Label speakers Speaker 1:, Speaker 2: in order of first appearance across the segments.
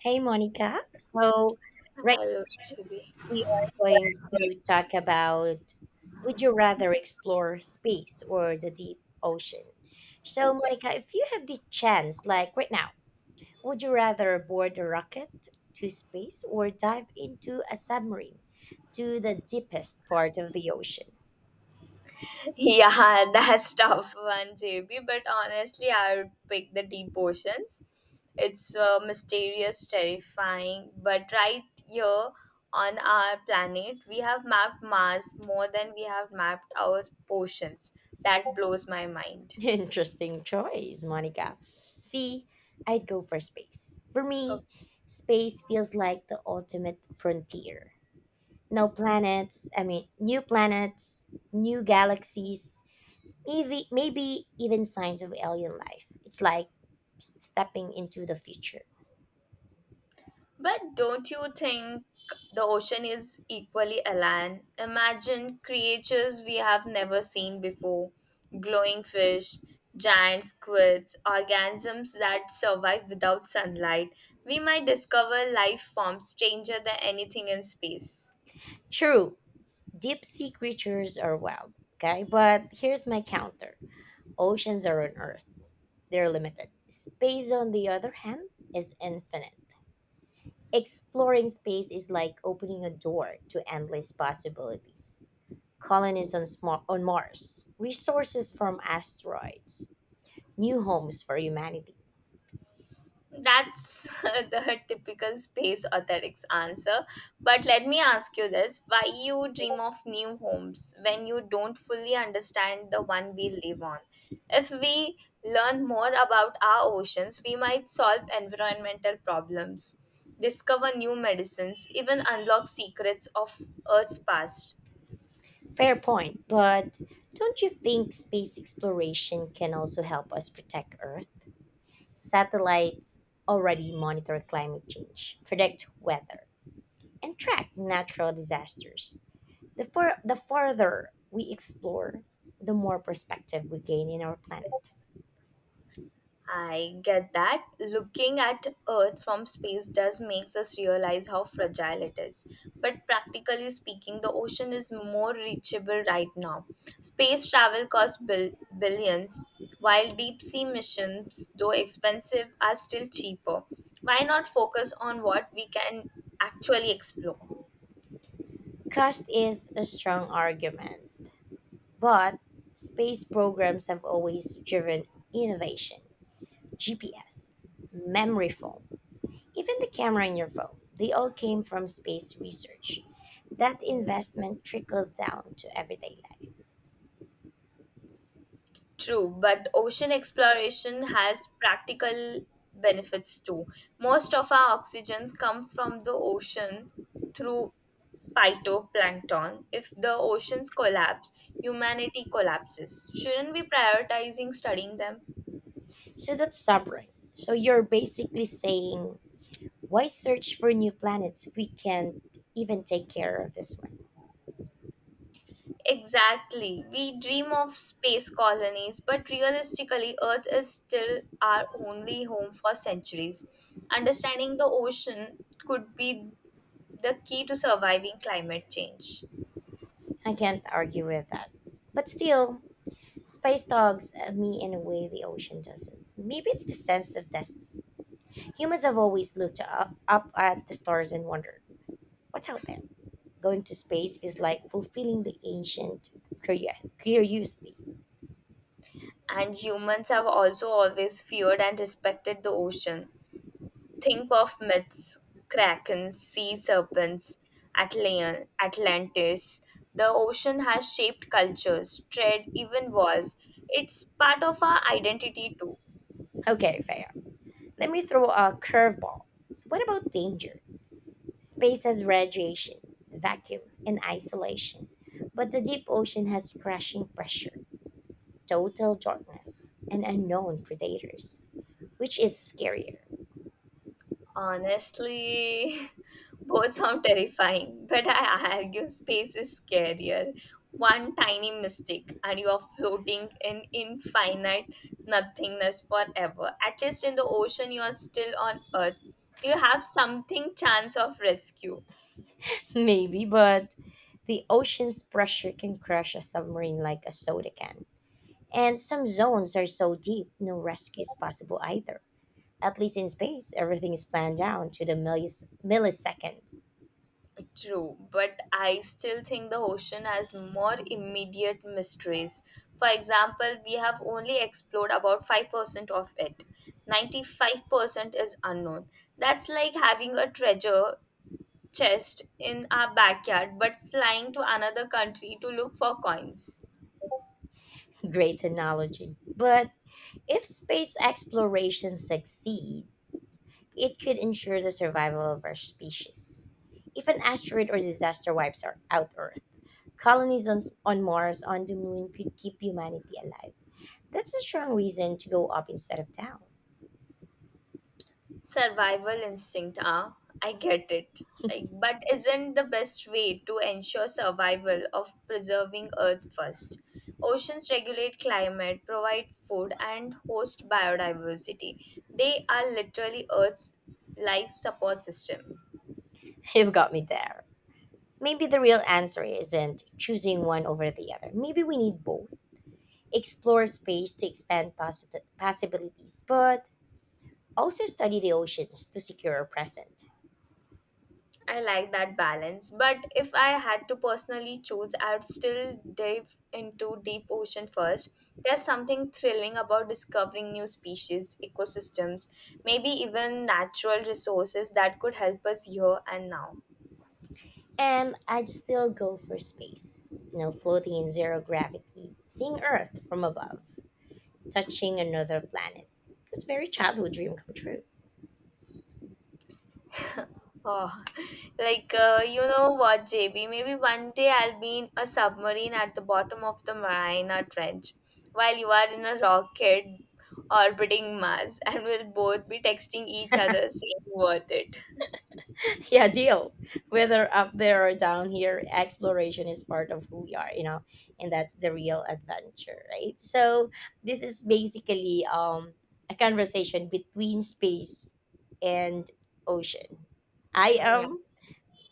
Speaker 1: Hey, Monica. So, right
Speaker 2: Hello,
Speaker 1: now
Speaker 2: JB.
Speaker 1: we are going to talk about: would you rather explore space or the deep ocean? So, Monica, if you had the chance, like right now, would you rather board a rocket to space or dive into a submarine to the deepest part of the ocean?
Speaker 2: Yeah, yeah, that's tough one, JB. But honestly, I would pick the deep oceans. It's mysterious, terrifying. But right here on our planet, we have mapped Mars more than we have mapped our oceans. That blows my mind.
Speaker 1: Interesting choice, Monica. See, I'd go for space. For me, space feels like the ultimate frontier. No planets, I mean, new planets, new galaxies, maybe even signs of alien life. It's like stepping into the future.
Speaker 2: But don't you think the ocean is equally alien? Imagine creatures we have never seen before glowing fish, giant squids, organisms that survive without sunlight. We might discover life forms stranger than anything in space.
Speaker 1: True, deep sea creatures are wild, okay? But here's my counter: oceans are on Earth, they're limited. Space, on the other hand, is infinite. Exploring space is like opening a door to endless possibilities. Colonies on Mars, resources from asteroids, new homes for humanity.
Speaker 2: That's the typical space aesthetics answer. But let me ask you this why you dream of new homes when you don't fully understand the one we live on? If we learn more about our oceans, we might solve environmental problems, discover new medicines, even unlock secrets of Earth's past.
Speaker 1: Fair point, but don't you think space exploration can also help us protect Earth? Satellites already monitor climate change, predict weather, and track natural disasters. The farther we explore, the more perspective we gain in our planet.
Speaker 2: I get that. Looking at Earth from space does makes us realize how fragile it is. But practically speaking, the ocean is more reachable right now. Space travel costs billions, while deep sea missions, though expensive, are still cheaper. Why not focus on what we can actually explore?
Speaker 1: Cost is a strong argument, but space programs have always driven innovation. GPS, memory foam, even the camera in your phone, they all came from space research. That investment trickles down to everyday life.
Speaker 2: True, but ocean exploration has practical benefits too. Most of our oxygens come from the ocean through phytoplankton. If the oceans collapse, humanity collapses. Shouldn't we prioritizing studying them?
Speaker 1: So that's sobering. So you're basically saying, why search for new planets if we can't even take care of this one?
Speaker 2: Exactly. We dream of space colonies, but realistically, Earth is still our only home for centuries. Understanding the ocean could be the key to surviving climate change.
Speaker 1: I can't argue with that. But still, space dogs at me in a way the ocean doesn't. Maybe it's the sense of destiny. Humans have always looked up, up at the stars and wondered, what's out there? Going to space feels like fulfilling the ancient curio- curiosity.
Speaker 2: And humans have also always feared and respected the ocean. Think of myths, krakens, sea serpents, Atlantis. The ocean has shaped cultures, trade, even wars. It's part of our identity too.
Speaker 1: Okay, fair. Let me throw a curveball. So, what about danger? Space has radiation, vacuum, and isolation, but the deep ocean has crashing pressure, total darkness, and unknown predators. Which is scarier?
Speaker 2: Honestly, both sound terrifying, but I argue space is scarier. One tiny mistake, and you are floating in infinite nothingness forever. At least in the ocean, you are still on Earth. You have something chance of rescue.
Speaker 1: Maybe, but the ocean's pressure can crush a submarine like a soda can. And some zones are so deep, no rescue is possible either. At least in space, everything is planned down to the millisecond.
Speaker 2: True, but I still think the ocean has more immediate mysteries. For example, we have only explored about 5% of it. 95% is unknown. That's like having a treasure chest in our backyard but flying to another country to look for coins.
Speaker 1: Great analogy. But if space exploration succeed, it could ensure the survival of our species. If an asteroid or disaster wipes out Earth, colonies on Mars, on the moon, could keep humanity alive. That's a strong reason to go up instead of down.
Speaker 2: Survival instinct, ah, I get it, like, but isn't the best way to ensure survival of preserving earth first? Oceans regulate climate, provide food, and host biodiversity. They are literally earth's life support system.
Speaker 1: You've got me there. Maybe the real answer isn't choosing one over the other. Maybe we need both. Explore space to expand possibilities, but also study the oceans to secure our present.
Speaker 2: I like that balance, but if I had to personally choose, I would still dive into deep ocean first. There's something thrilling about discovering new species, ecosystems, maybe even natural resources that could help us here and now.
Speaker 1: And I'd still go for space, floating in zero gravity, seeing Earth from above, touching another planet. It's a very childhood dream come true.
Speaker 2: Oh, you know what, JB? Maybe one day I'll be in a submarine at the bottom of the Mariana Trench, while you are in a rocket orbiting Mars, and we'll both be texting each other saying "worth it."
Speaker 1: Yeah, deal. Whether up there or down here, exploration is part of who we are, you know, and that's the real adventure, right? So this is basically a conversation between space and ocean. I
Speaker 2: Mm, yeah,
Speaker 1: am,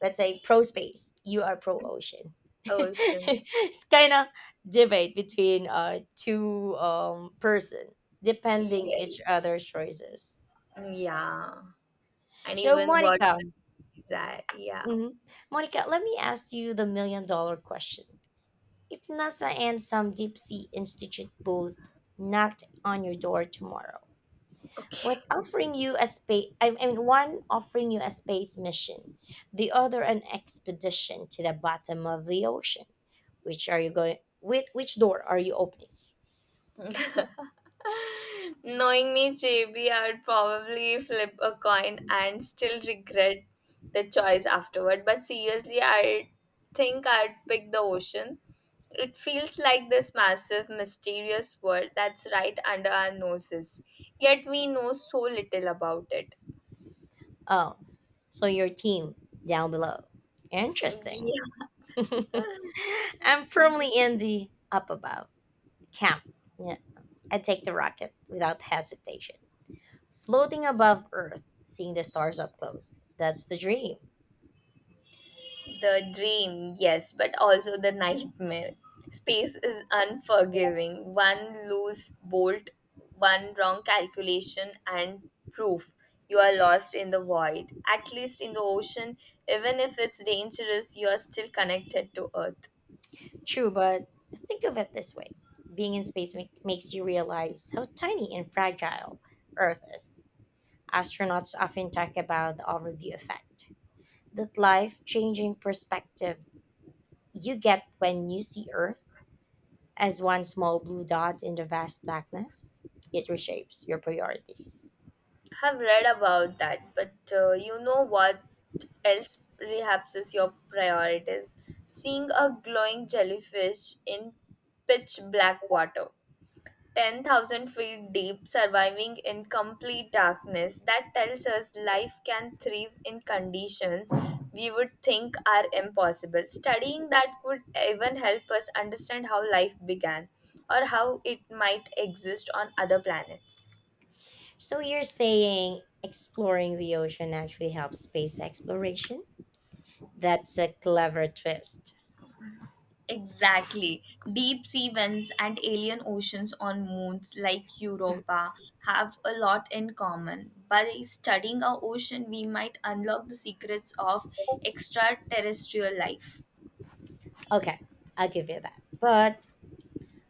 Speaker 1: let's say, pro space. You are pro ocean.
Speaker 2: ocean.
Speaker 1: It's kind of debate between two person depending
Speaker 2: Yes.
Speaker 1: each other's choices.
Speaker 2: Yeah. And
Speaker 1: So,
Speaker 2: even what
Speaker 1: Monica.
Speaker 2: that? Yeah.
Speaker 1: hmm Monica, let me ask you the million dollar question. If NASA and some deep sea institute both knocked on your door tomorrow,
Speaker 2: Okay.
Speaker 1: what offering you a space, I mean, one offering you a space mission, the other an expedition to the bottom of the ocean, which are you going, with which door are you opening?
Speaker 2: Knowing me, JB, I would probably flip a coin and still regret the choice afterward. But seriously, I think I'd pick the ocean. It feels like this massive, mysterious world that's right under our noses. Yet we know so little about it.
Speaker 1: Oh, so your team down below. Interesting.
Speaker 2: Yeah.
Speaker 1: I'm firmly in the up above camp. Yeah. I'd take the rocket without hesitation. Floating above Earth, seeing the stars up close. That's the dream.
Speaker 2: The dream, yes, but also the nightmare. Space is unforgiving. One loose bolt, one wrong calculation, and proof you are lost in the void. At least in the ocean, even if it's dangerous, you are still connected to Earth.
Speaker 1: True, but think of it this way: being in space makes you realize how tiny and fragile Earth is. Astronauts often talk about the overview effect, that life changing perspective you get when you see Earth as one small blue dot in the vast blackness. It reshapes your priorities.
Speaker 2: Have read about that, but you know what else rehapses your priorities? Seeing a glowing jellyfish in pitch black water 10,000 feet deep, surviving in complete darkness. That tells us life can thrive in conditions we would think are impossible. Studying that could even help us understand how life began or how it might exist on other planets.
Speaker 1: So you're saying exploring the ocean actually helps space exploration? That's a clever twist.
Speaker 2: Exactly. Deep sea vents and alien oceans on moons like Europa have a lot in common. By studying our ocean, we might unlock the secrets of extraterrestrial life.
Speaker 1: Okay, I'll give you that. But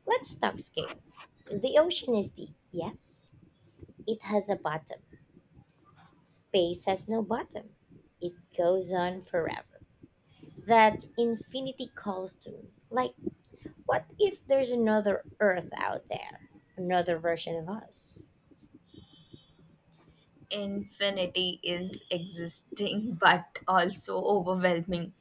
Speaker 1: let's talk scale. The ocean is deep, yes? It has a bottom. Space has no bottom. It goes on forever. That infinity calls to me. Like, what if there's another Earth out there? Another version of us?
Speaker 2: Infinity is existing but also overwhelming.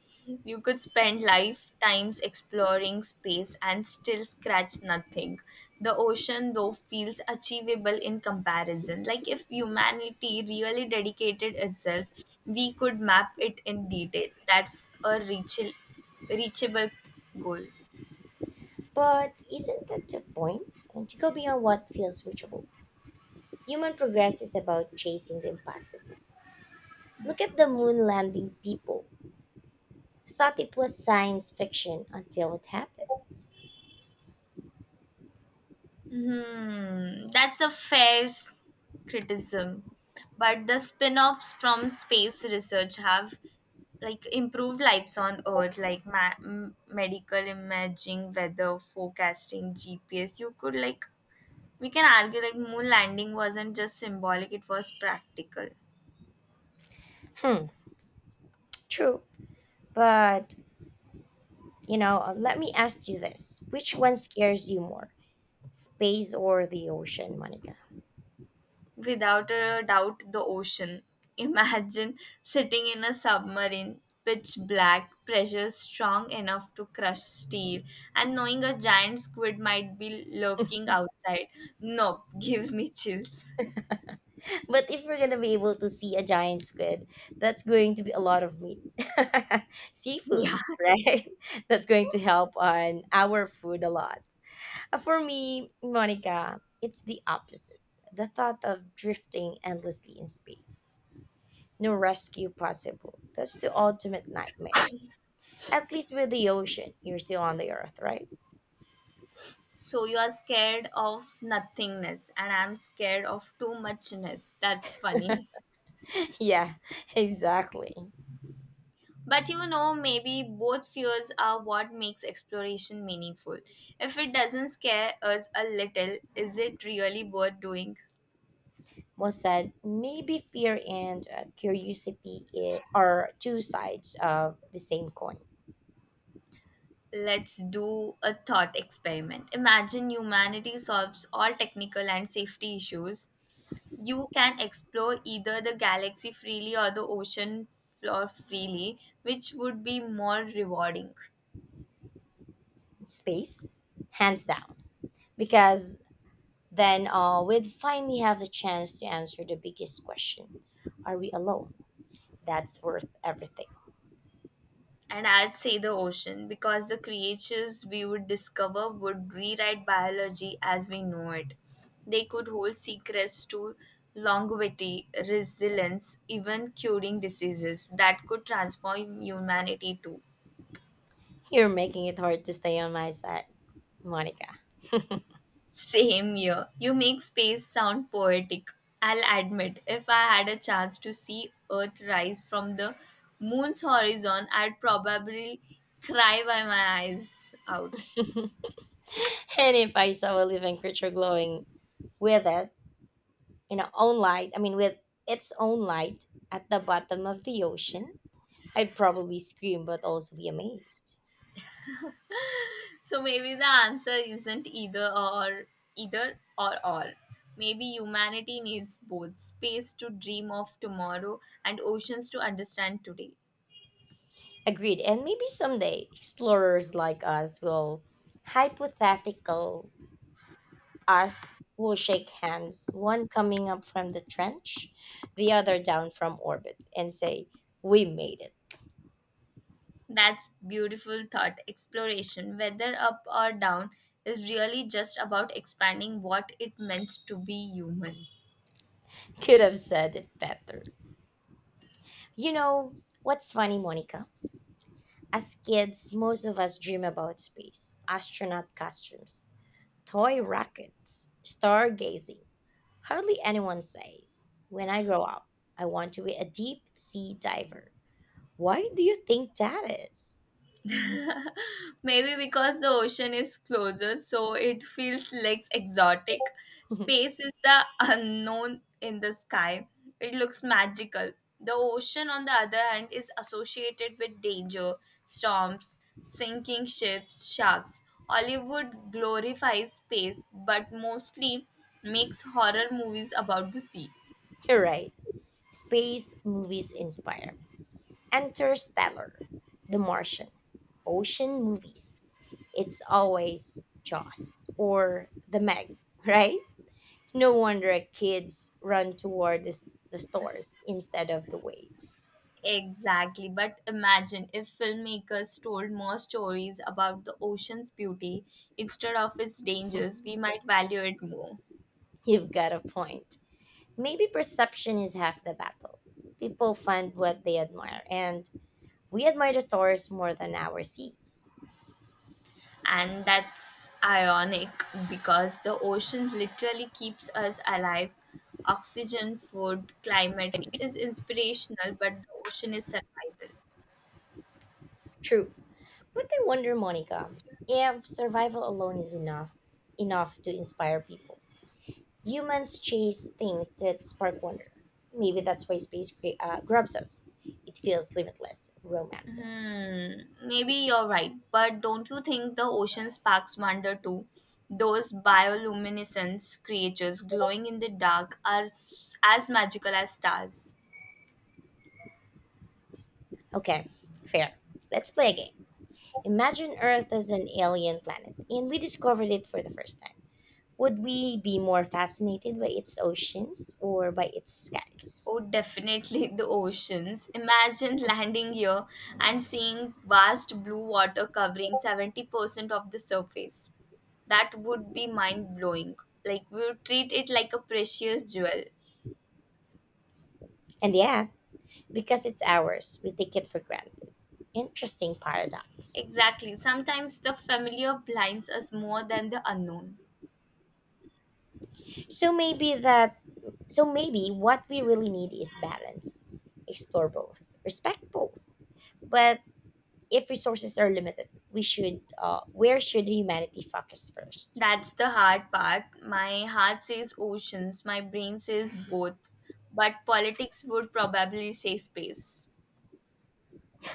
Speaker 2: You could spend lifetimes exploring space and still scratch nothing. The ocean, though, feels achievable in comparison. Like if humanity really dedicated itself, we could map it in detail. That's a reachable goal.
Speaker 1: But isn't that the point? And to go beyond what feels reachable. Human progress is about chasing the impossible. Look at the moon landing people. Thought it was science fiction until it happened.
Speaker 2: That's a criticism. But the spin-offs from space research have like improved lives on earth like medical imaging, weather forecasting, GPS. You could like we can argue like moon landing wasn't just symbolic, it was practical.
Speaker 1: Hmm, true. But, let me ask you this. Which one scares you more? Space or the ocean, Monica?
Speaker 2: Without a doubt, the ocean. Imagine sitting in a submarine, pitch black, pressure strong enough to crush steel, and knowing a giant squid might be lurking outside. Nope, gives me chills.
Speaker 1: But if we're gonna be able to see a giant squid, that's going to be a lot of meat.
Speaker 2: Yeah.
Speaker 1: Seafoods, right? That's going to help on our food a lot. For me, Monica, it's the opposite. The thought of drifting endlessly in space. No rescue possible. That's the ultimate nightmare. At least with the ocean, you're still on the earth, right?
Speaker 2: So you are scared of nothingness, and I'm scared of too muchness. That's funny.
Speaker 1: Yeah, exactly.
Speaker 2: But you know, maybe both fears are what makes exploration meaningful. If it doesn't scare us a little, is it really worth doing?
Speaker 1: Was that maybe fear and curiosity are two sides of the same coin.
Speaker 2: Let's do a thought experiment. Imagine humanity solves all technical and safety issues. You can explore either the galaxy freely or the ocean floor freely, which would be more rewarding.
Speaker 1: Space, hands down, because then we'd finally have the chance to answer the biggest question: Are we alone? That's worth everything.
Speaker 2: And I'd say the ocean, because the creatures we would discover would rewrite biology as we know it. They could hold secrets to longevity, resilience, even curing diseases that could transform humanity too.
Speaker 1: You're making it hard to stay on my side, Monica.
Speaker 2: Same year. You make space sound poetic. I'll admit, if I had a chance to see Earth rise from the moon's horizon, I'd probably cry by my eyes out.
Speaker 1: And if I saw a living creature glowing with it in its own light, I mean, with its own light at the bottom of the ocean, I'd probably scream but also be amazed.
Speaker 2: So maybe the answer isn't either or all. Maybe humanity needs both space to dream of tomorrow and oceans to understand today.
Speaker 1: Agreed. And maybe someday explorers like us will, hypothetical us, will shake hands, one coming up from the trench, the other down from orbit, and say, "We made it."
Speaker 2: That's beautiful thought. Exploration, whether up or down, is really just about expanding what it means to be human.
Speaker 1: Could have said it better. You know, what's funny, Monica? As kids, most of us dream about space, astronaut costumes, toy rockets, stargazing. Hardly anyone says, "When I grow up, I want to be a deep sea diver." Why do you think that is?
Speaker 2: Maybe because the ocean is closer, so it feels less exotic. Space is the unknown in the sky. It looks magical. The ocean, on the other hand, is associated with danger, storms, sinking ships, sharks. Hollywood glorifies space, but mostly makes horror movies about the sea.
Speaker 1: You're right. Space movies inspire. Interstellar, The Martian, ocean movies. It's always Jaws or The Meg, right? No wonder kids run toward the stores instead of the waves.
Speaker 2: Exactly. But imagine if filmmakers told more stories about the ocean's beauty instead of its dangers, we might value it more.
Speaker 1: You've got a point. Maybe perception is half the battle. People find what they admire, and we admire the stars more than our seas.
Speaker 2: And that's ironic because the ocean literally keeps us alive. Oxygen, food, climate. It is inspirational, but the ocean is survival.
Speaker 1: True. But I wonder, Monica, if survival alone is enough to inspire people. Humans chase things that spark wonder. Maybe that's why space grabs us. It feels limitless, romantic.
Speaker 2: Maybe you're right, but don't you think the ocean sparks wonder too? Those bioluminescence creatures glowing in the dark are as magical as stars.
Speaker 1: Okay, fair. Let's play a game. Imagine Earth as an alien planet, and we discovered it for the first time. Would we be more fascinated by its oceans or by its skies?
Speaker 2: Oh, definitely the oceans. Imagine landing here and seeing vast blue water covering 70% of the surface. That would be mind blowing. Like, we would treat it like a precious jewel.
Speaker 1: And yeah, because it's ours, we take it for granted. Interesting paradox.
Speaker 2: Exactly. Sometimes the familiar blinds us more than the unknown.
Speaker 1: So maybe that so maybe what we really need is balance. Explore both, respect both. But if resources are limited, we should where should humanity focus first?
Speaker 2: That's the hard part. My heart says oceans, my brain says both. But politics would probably say space.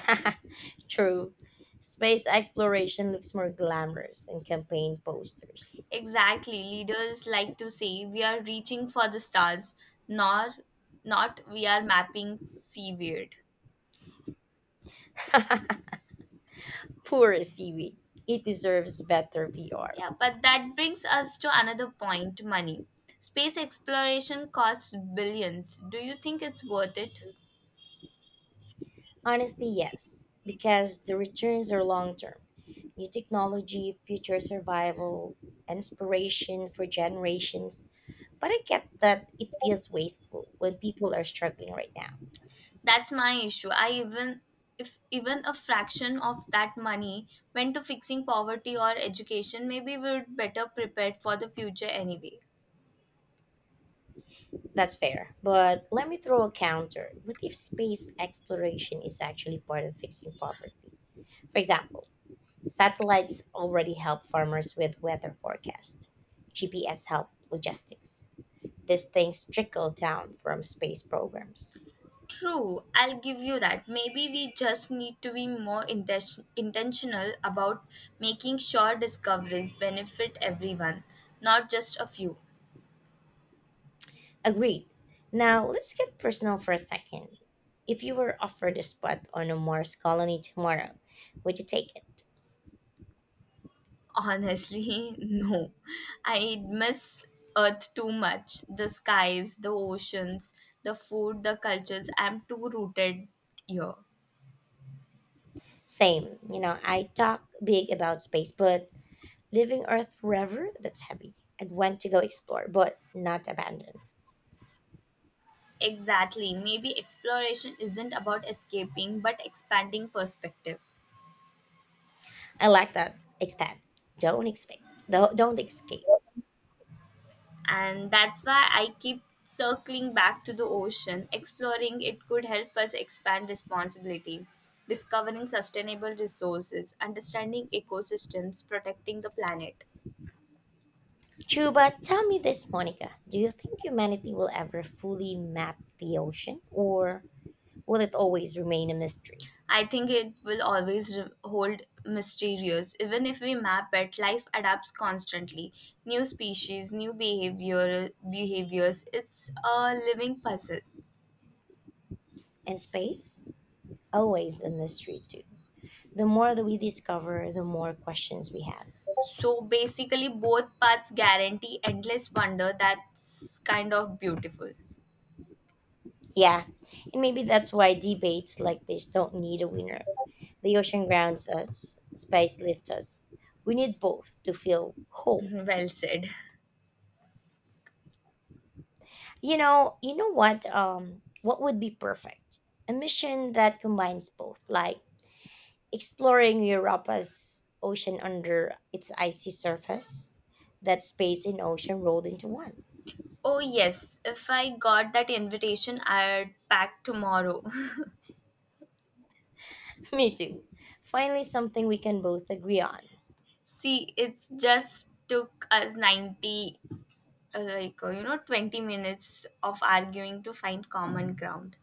Speaker 1: True. Space exploration looks more glamorous in campaign posters.
Speaker 2: Exactly. Leaders like to say we are reaching for the stars, not not we are mapping seaward.
Speaker 1: Poor seaweed. It deserves better PR.
Speaker 2: Yeah, but that brings us to another point, money. Space exploration costs billions. Do you think it's worth it?
Speaker 1: Honestly, yes, because the returns are long term. New technology, future survival, and inspiration for generations. But I get that it feels wasteful when people are struggling right now.
Speaker 2: That's my issue. I even if even a fraction of that money went to fixing poverty or education, maybe we're better prepared for the future anyway.
Speaker 1: That's fair. But let me throw a counter. What if space exploration is actually part of fixing poverty? For example, satellites already help farmers with weather forecasts. GPS help logistics. These things trickle down from space programs.
Speaker 2: True, I'll give you that. Maybe we just need to be more intentional about making sure discoveries benefit everyone, not just a few.
Speaker 1: Agreed. Now let's get personal for a second. If you were offered a spot on a Mars colony tomorrow, would you take it?
Speaker 2: Honestly, no. I miss Earth too much. The skies, the oceans, the food, the cultures. I'm too rooted here.
Speaker 1: Same. You know, I talk big about space, but leaving Earth forever, that's heavy. I'd want to go explore, but not abandon.
Speaker 2: Exactly. Maybe exploration isn't about escaping but expanding perspective.
Speaker 1: I like that. Expand. Don't expect. Don't escape.
Speaker 2: And that's why I keep circling back to the ocean. Exploring it could help us expand responsibility, discovering sustainable resources, understanding ecosystems, protecting the planet.
Speaker 1: True, but tell me this, Monica. Do you think humanity will ever fully map the ocean, or will it always remain a mystery?
Speaker 2: I think it will always hold mysterious. Even if we map it, life adapts constantly. New species, new behaviors. It's a living puzzle.
Speaker 1: And space? Always a mystery, too. The more that we discover, the more questions we have.
Speaker 2: So basically, both paths guarantee endless wonder. That's kind of beautiful.
Speaker 1: Yeah, and maybe that's why debates like this don't need a winner. The ocean grounds us, space lifts us. We need both to feel whole.
Speaker 2: Well said.
Speaker 1: You know what? What would be perfect? A mission that combines both, like exploring Europa's ocean under its icy surface. That space and ocean rolled into one.
Speaker 2: Oh yes, if I got that invitation, I'd pack tomorrow.
Speaker 1: Me too. Finally, something we can both agree on.
Speaker 2: See, it's just took us ninety like you know 20 minutes of arguing to find common ground.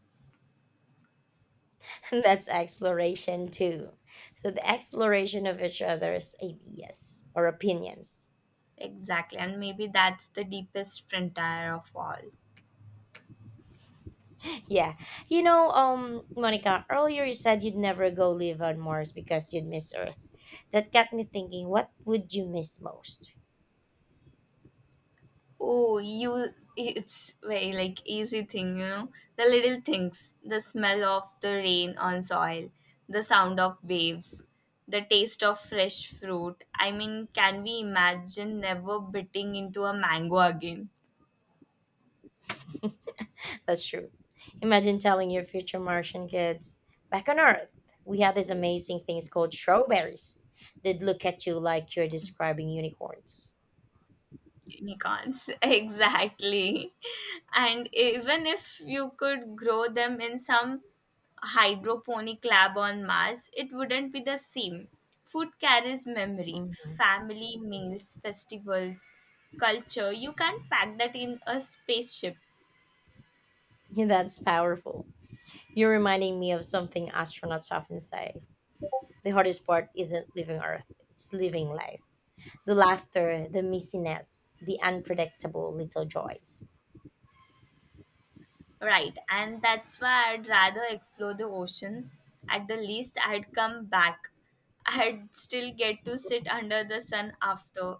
Speaker 1: That's exploration too. So, the exploration of each other's ideas or opinions.
Speaker 2: Exactly, and maybe that's the deepest frontier of all.
Speaker 1: Yeah. Monica, earlier you said you'd never go live on Mars because you'd miss Earth. That got me thinking, what would you miss most?
Speaker 2: Oh you, it's very like easy thing, you know, the little things, the smell of the rain on soil, the sound of waves, the taste of fresh fruit. I mean, can we imagine never biting into a mango again?
Speaker 1: That's true. Imagine telling your future Martian kids, back on Earth, we had these amazing things called strawberries. They'd look at you like you're describing unicorns.
Speaker 2: Unicorns. Exactly, and even if you could grow them in some hydroponic lab on Mars, it wouldn't be the same. Food carries memory,
Speaker 1: Mhm.
Speaker 2: family meals, festivals, culture. You can't pack that in a spaceship.
Speaker 1: Yeah, that's powerful. You're reminding me of something astronauts often say. The hardest part isn't living Earth, it's living life. The laughter, the missiness, the unpredictable little joys.
Speaker 2: Right, and that's why I'd rather explore the ocean. At the least, I'd come back. I'd still get to sit under the sun after.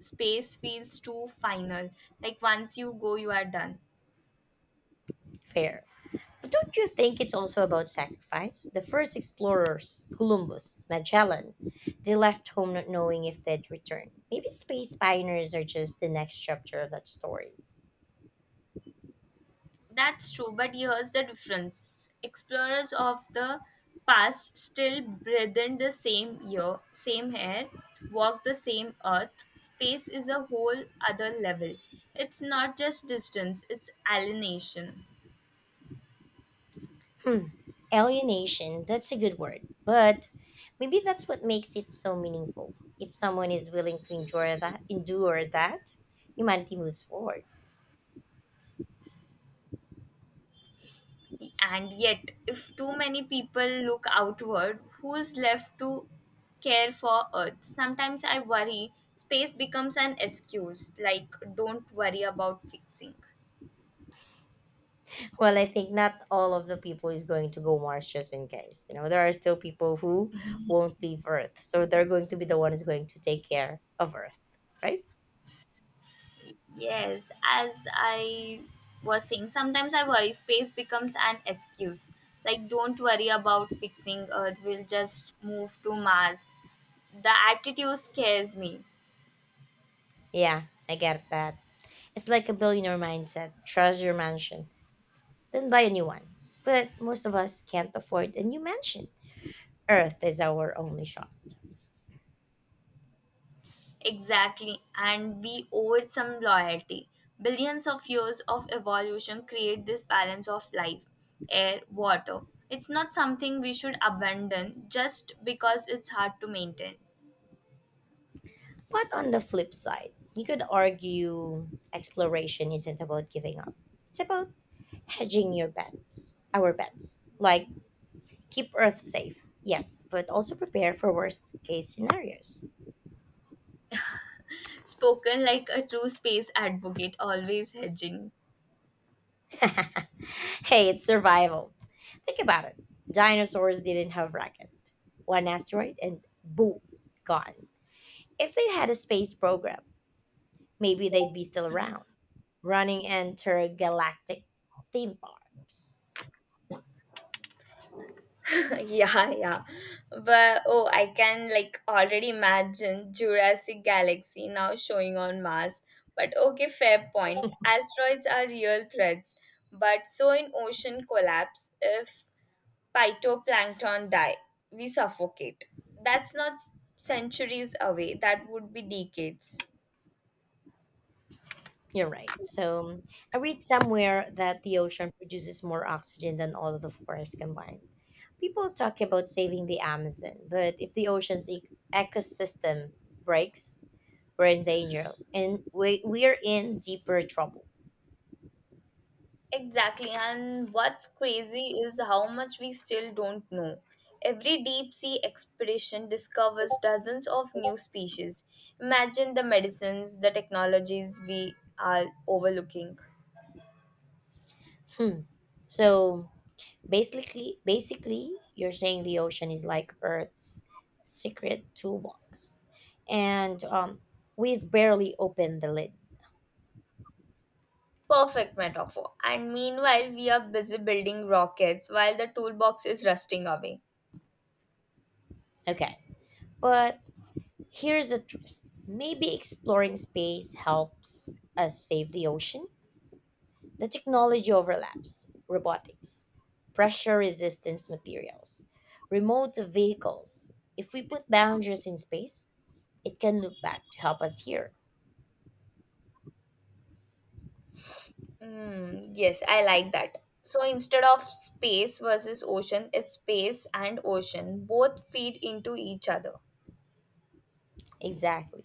Speaker 2: Space feels too final. Like once you go, you are done.
Speaker 1: Fair. But don't you think it's also about sacrifice? The first explorers, Columbus, Magellan, they left home not knowing if they'd return. Maybe space pioneers are just the next chapter of that story.
Speaker 2: That's true, but here's the difference. Explorers of the past still breathe in the same year, same air, walk the same earth. Space is a whole other level. It's not just distance, it's alienation.
Speaker 1: Hmm. Alienation, that's a good word. But maybe that's what makes it so meaningful. If someone is willing to endure that, humanity moves forward.
Speaker 2: And yet, if too many people look outward, who's left to care for Earth? Sometimes I worry space becomes an excuse, like, don't worry about fixing.
Speaker 1: Well, I think not all of the people is going to go Mars just in case. You know, there are still people who won't leave Earth. So they're going to be the one who's going to take care of Earth, right?
Speaker 2: Yes, as I was saying, sometimes I worry space becomes an excuse. Like, don't worry about fixing Earth, we'll just move to Mars. The attitude scares me.
Speaker 1: Yeah, I get that. It's like a billionaire mindset. Trust your mansion. Then buy a new one. But most of us can't afford a new mansion. Earth is our only shot.
Speaker 2: Exactly, and we owe it some loyalty. Billions of years of evolution create this balance of life, air, water. It's not something we should abandon just because it's hard to maintain.
Speaker 1: But on the flip side, you could argue exploration isn't about giving up. It's about hedging your bets, our bets. Like, keep Earth safe, yes, but also prepare for worst case scenarios.
Speaker 2: Spoken like a true space advocate, always hedging.
Speaker 1: Hey, it's survival. Think about it. Dinosaurs didn't have rocket. One asteroid and boom, gone. If they had a space program, maybe they'd be still around, running intergalactic theme parks.
Speaker 2: Yeah. But oh, I can like already imagine Jurassic Galaxy now showing on Mars. But okay, fair point. Asteroids are real threats, but so in ocean collapse, if phytoplankton die, we suffocate. That's not centuries away. That would be decades.
Speaker 1: You're right. So I read somewhere that the ocean produces more oxygen than all of the forests combined. People talk about saving the Amazon, but if the ocean's ecosystem breaks, we're in danger and we're in deeper trouble.
Speaker 2: Exactly, and what's crazy is how much we still don't know. Every deep sea expedition discovers dozens of new species. Imagine the medicines, the technologies we are overlooking.
Speaker 1: Hmm. So basically, you're saying the ocean is like Earth's secret toolbox, and we've barely opened the lid.
Speaker 2: Perfect metaphor. And meanwhile, we are busy building rockets while the toolbox is rusting away.
Speaker 1: Okay, but here's a twist. Maybe exploring space helps us save the ocean. The technology overlaps: robotics, pressure-resistance materials, remote vehicles. If we put boundaries in space, it can look back to help us here.
Speaker 2: Mm, yes, I like that. So instead of space versus ocean, it's space and ocean. Both feed into each other.
Speaker 1: Exactly.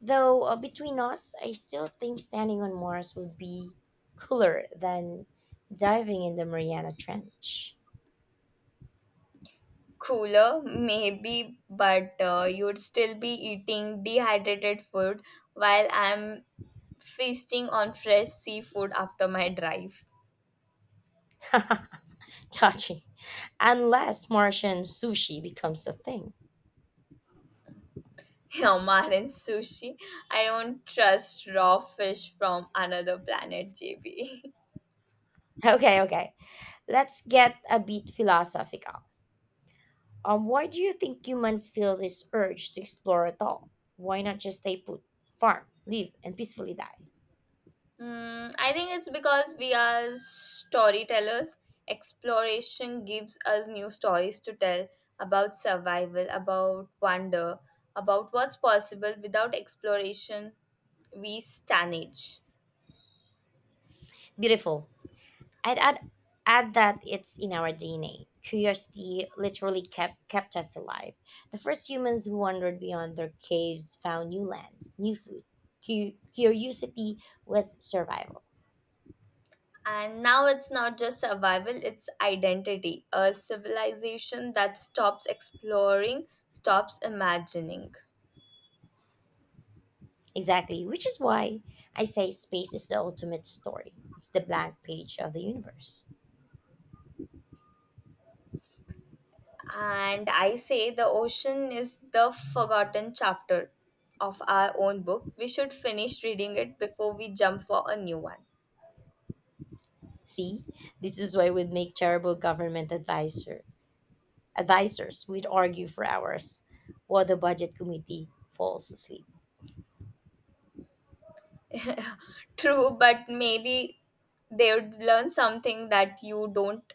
Speaker 1: Though between us, I still think standing on Mars would be cooler than diving in the Mariana Trench.
Speaker 2: Cooler maybe, but you'd still be eating dehydrated food while I'm feasting on fresh seafood after my drive.
Speaker 1: Touching. Unless Martian sushi becomes a thing.
Speaker 2: Omar and sushi. I don't trust raw fish from another planet, JB.
Speaker 1: Okay, okay. Let's get a bit philosophical. Why do you think humans feel this urge to explore at all? Why not just stay put, farm, live, and peacefully die?
Speaker 2: Mm, I think it's because we are storytellers. Exploration gives us new stories to tell about survival, about wonder, about what's possible. Without exploration, we stagnate.
Speaker 1: Beautiful. I'd add that it's in our DNA. Curiosity literally kept us alive. The first humans who wandered beyond their caves found new lands, new food. Curiosity was survival.
Speaker 2: And now it's not just survival, it's identity. A civilization that stops exploring, stops imagining.
Speaker 1: Exactly, which is why I say space is the ultimate story. It's the blank page of the universe.
Speaker 2: And I say the ocean is the forgotten chapter of our own book. We should finish reading it before we jump for a new one.
Speaker 1: See, this is why we'd make terrible government advisors. We'd argue for hours while the budget committee falls asleep.
Speaker 2: True, but maybe they would learn something that you don't.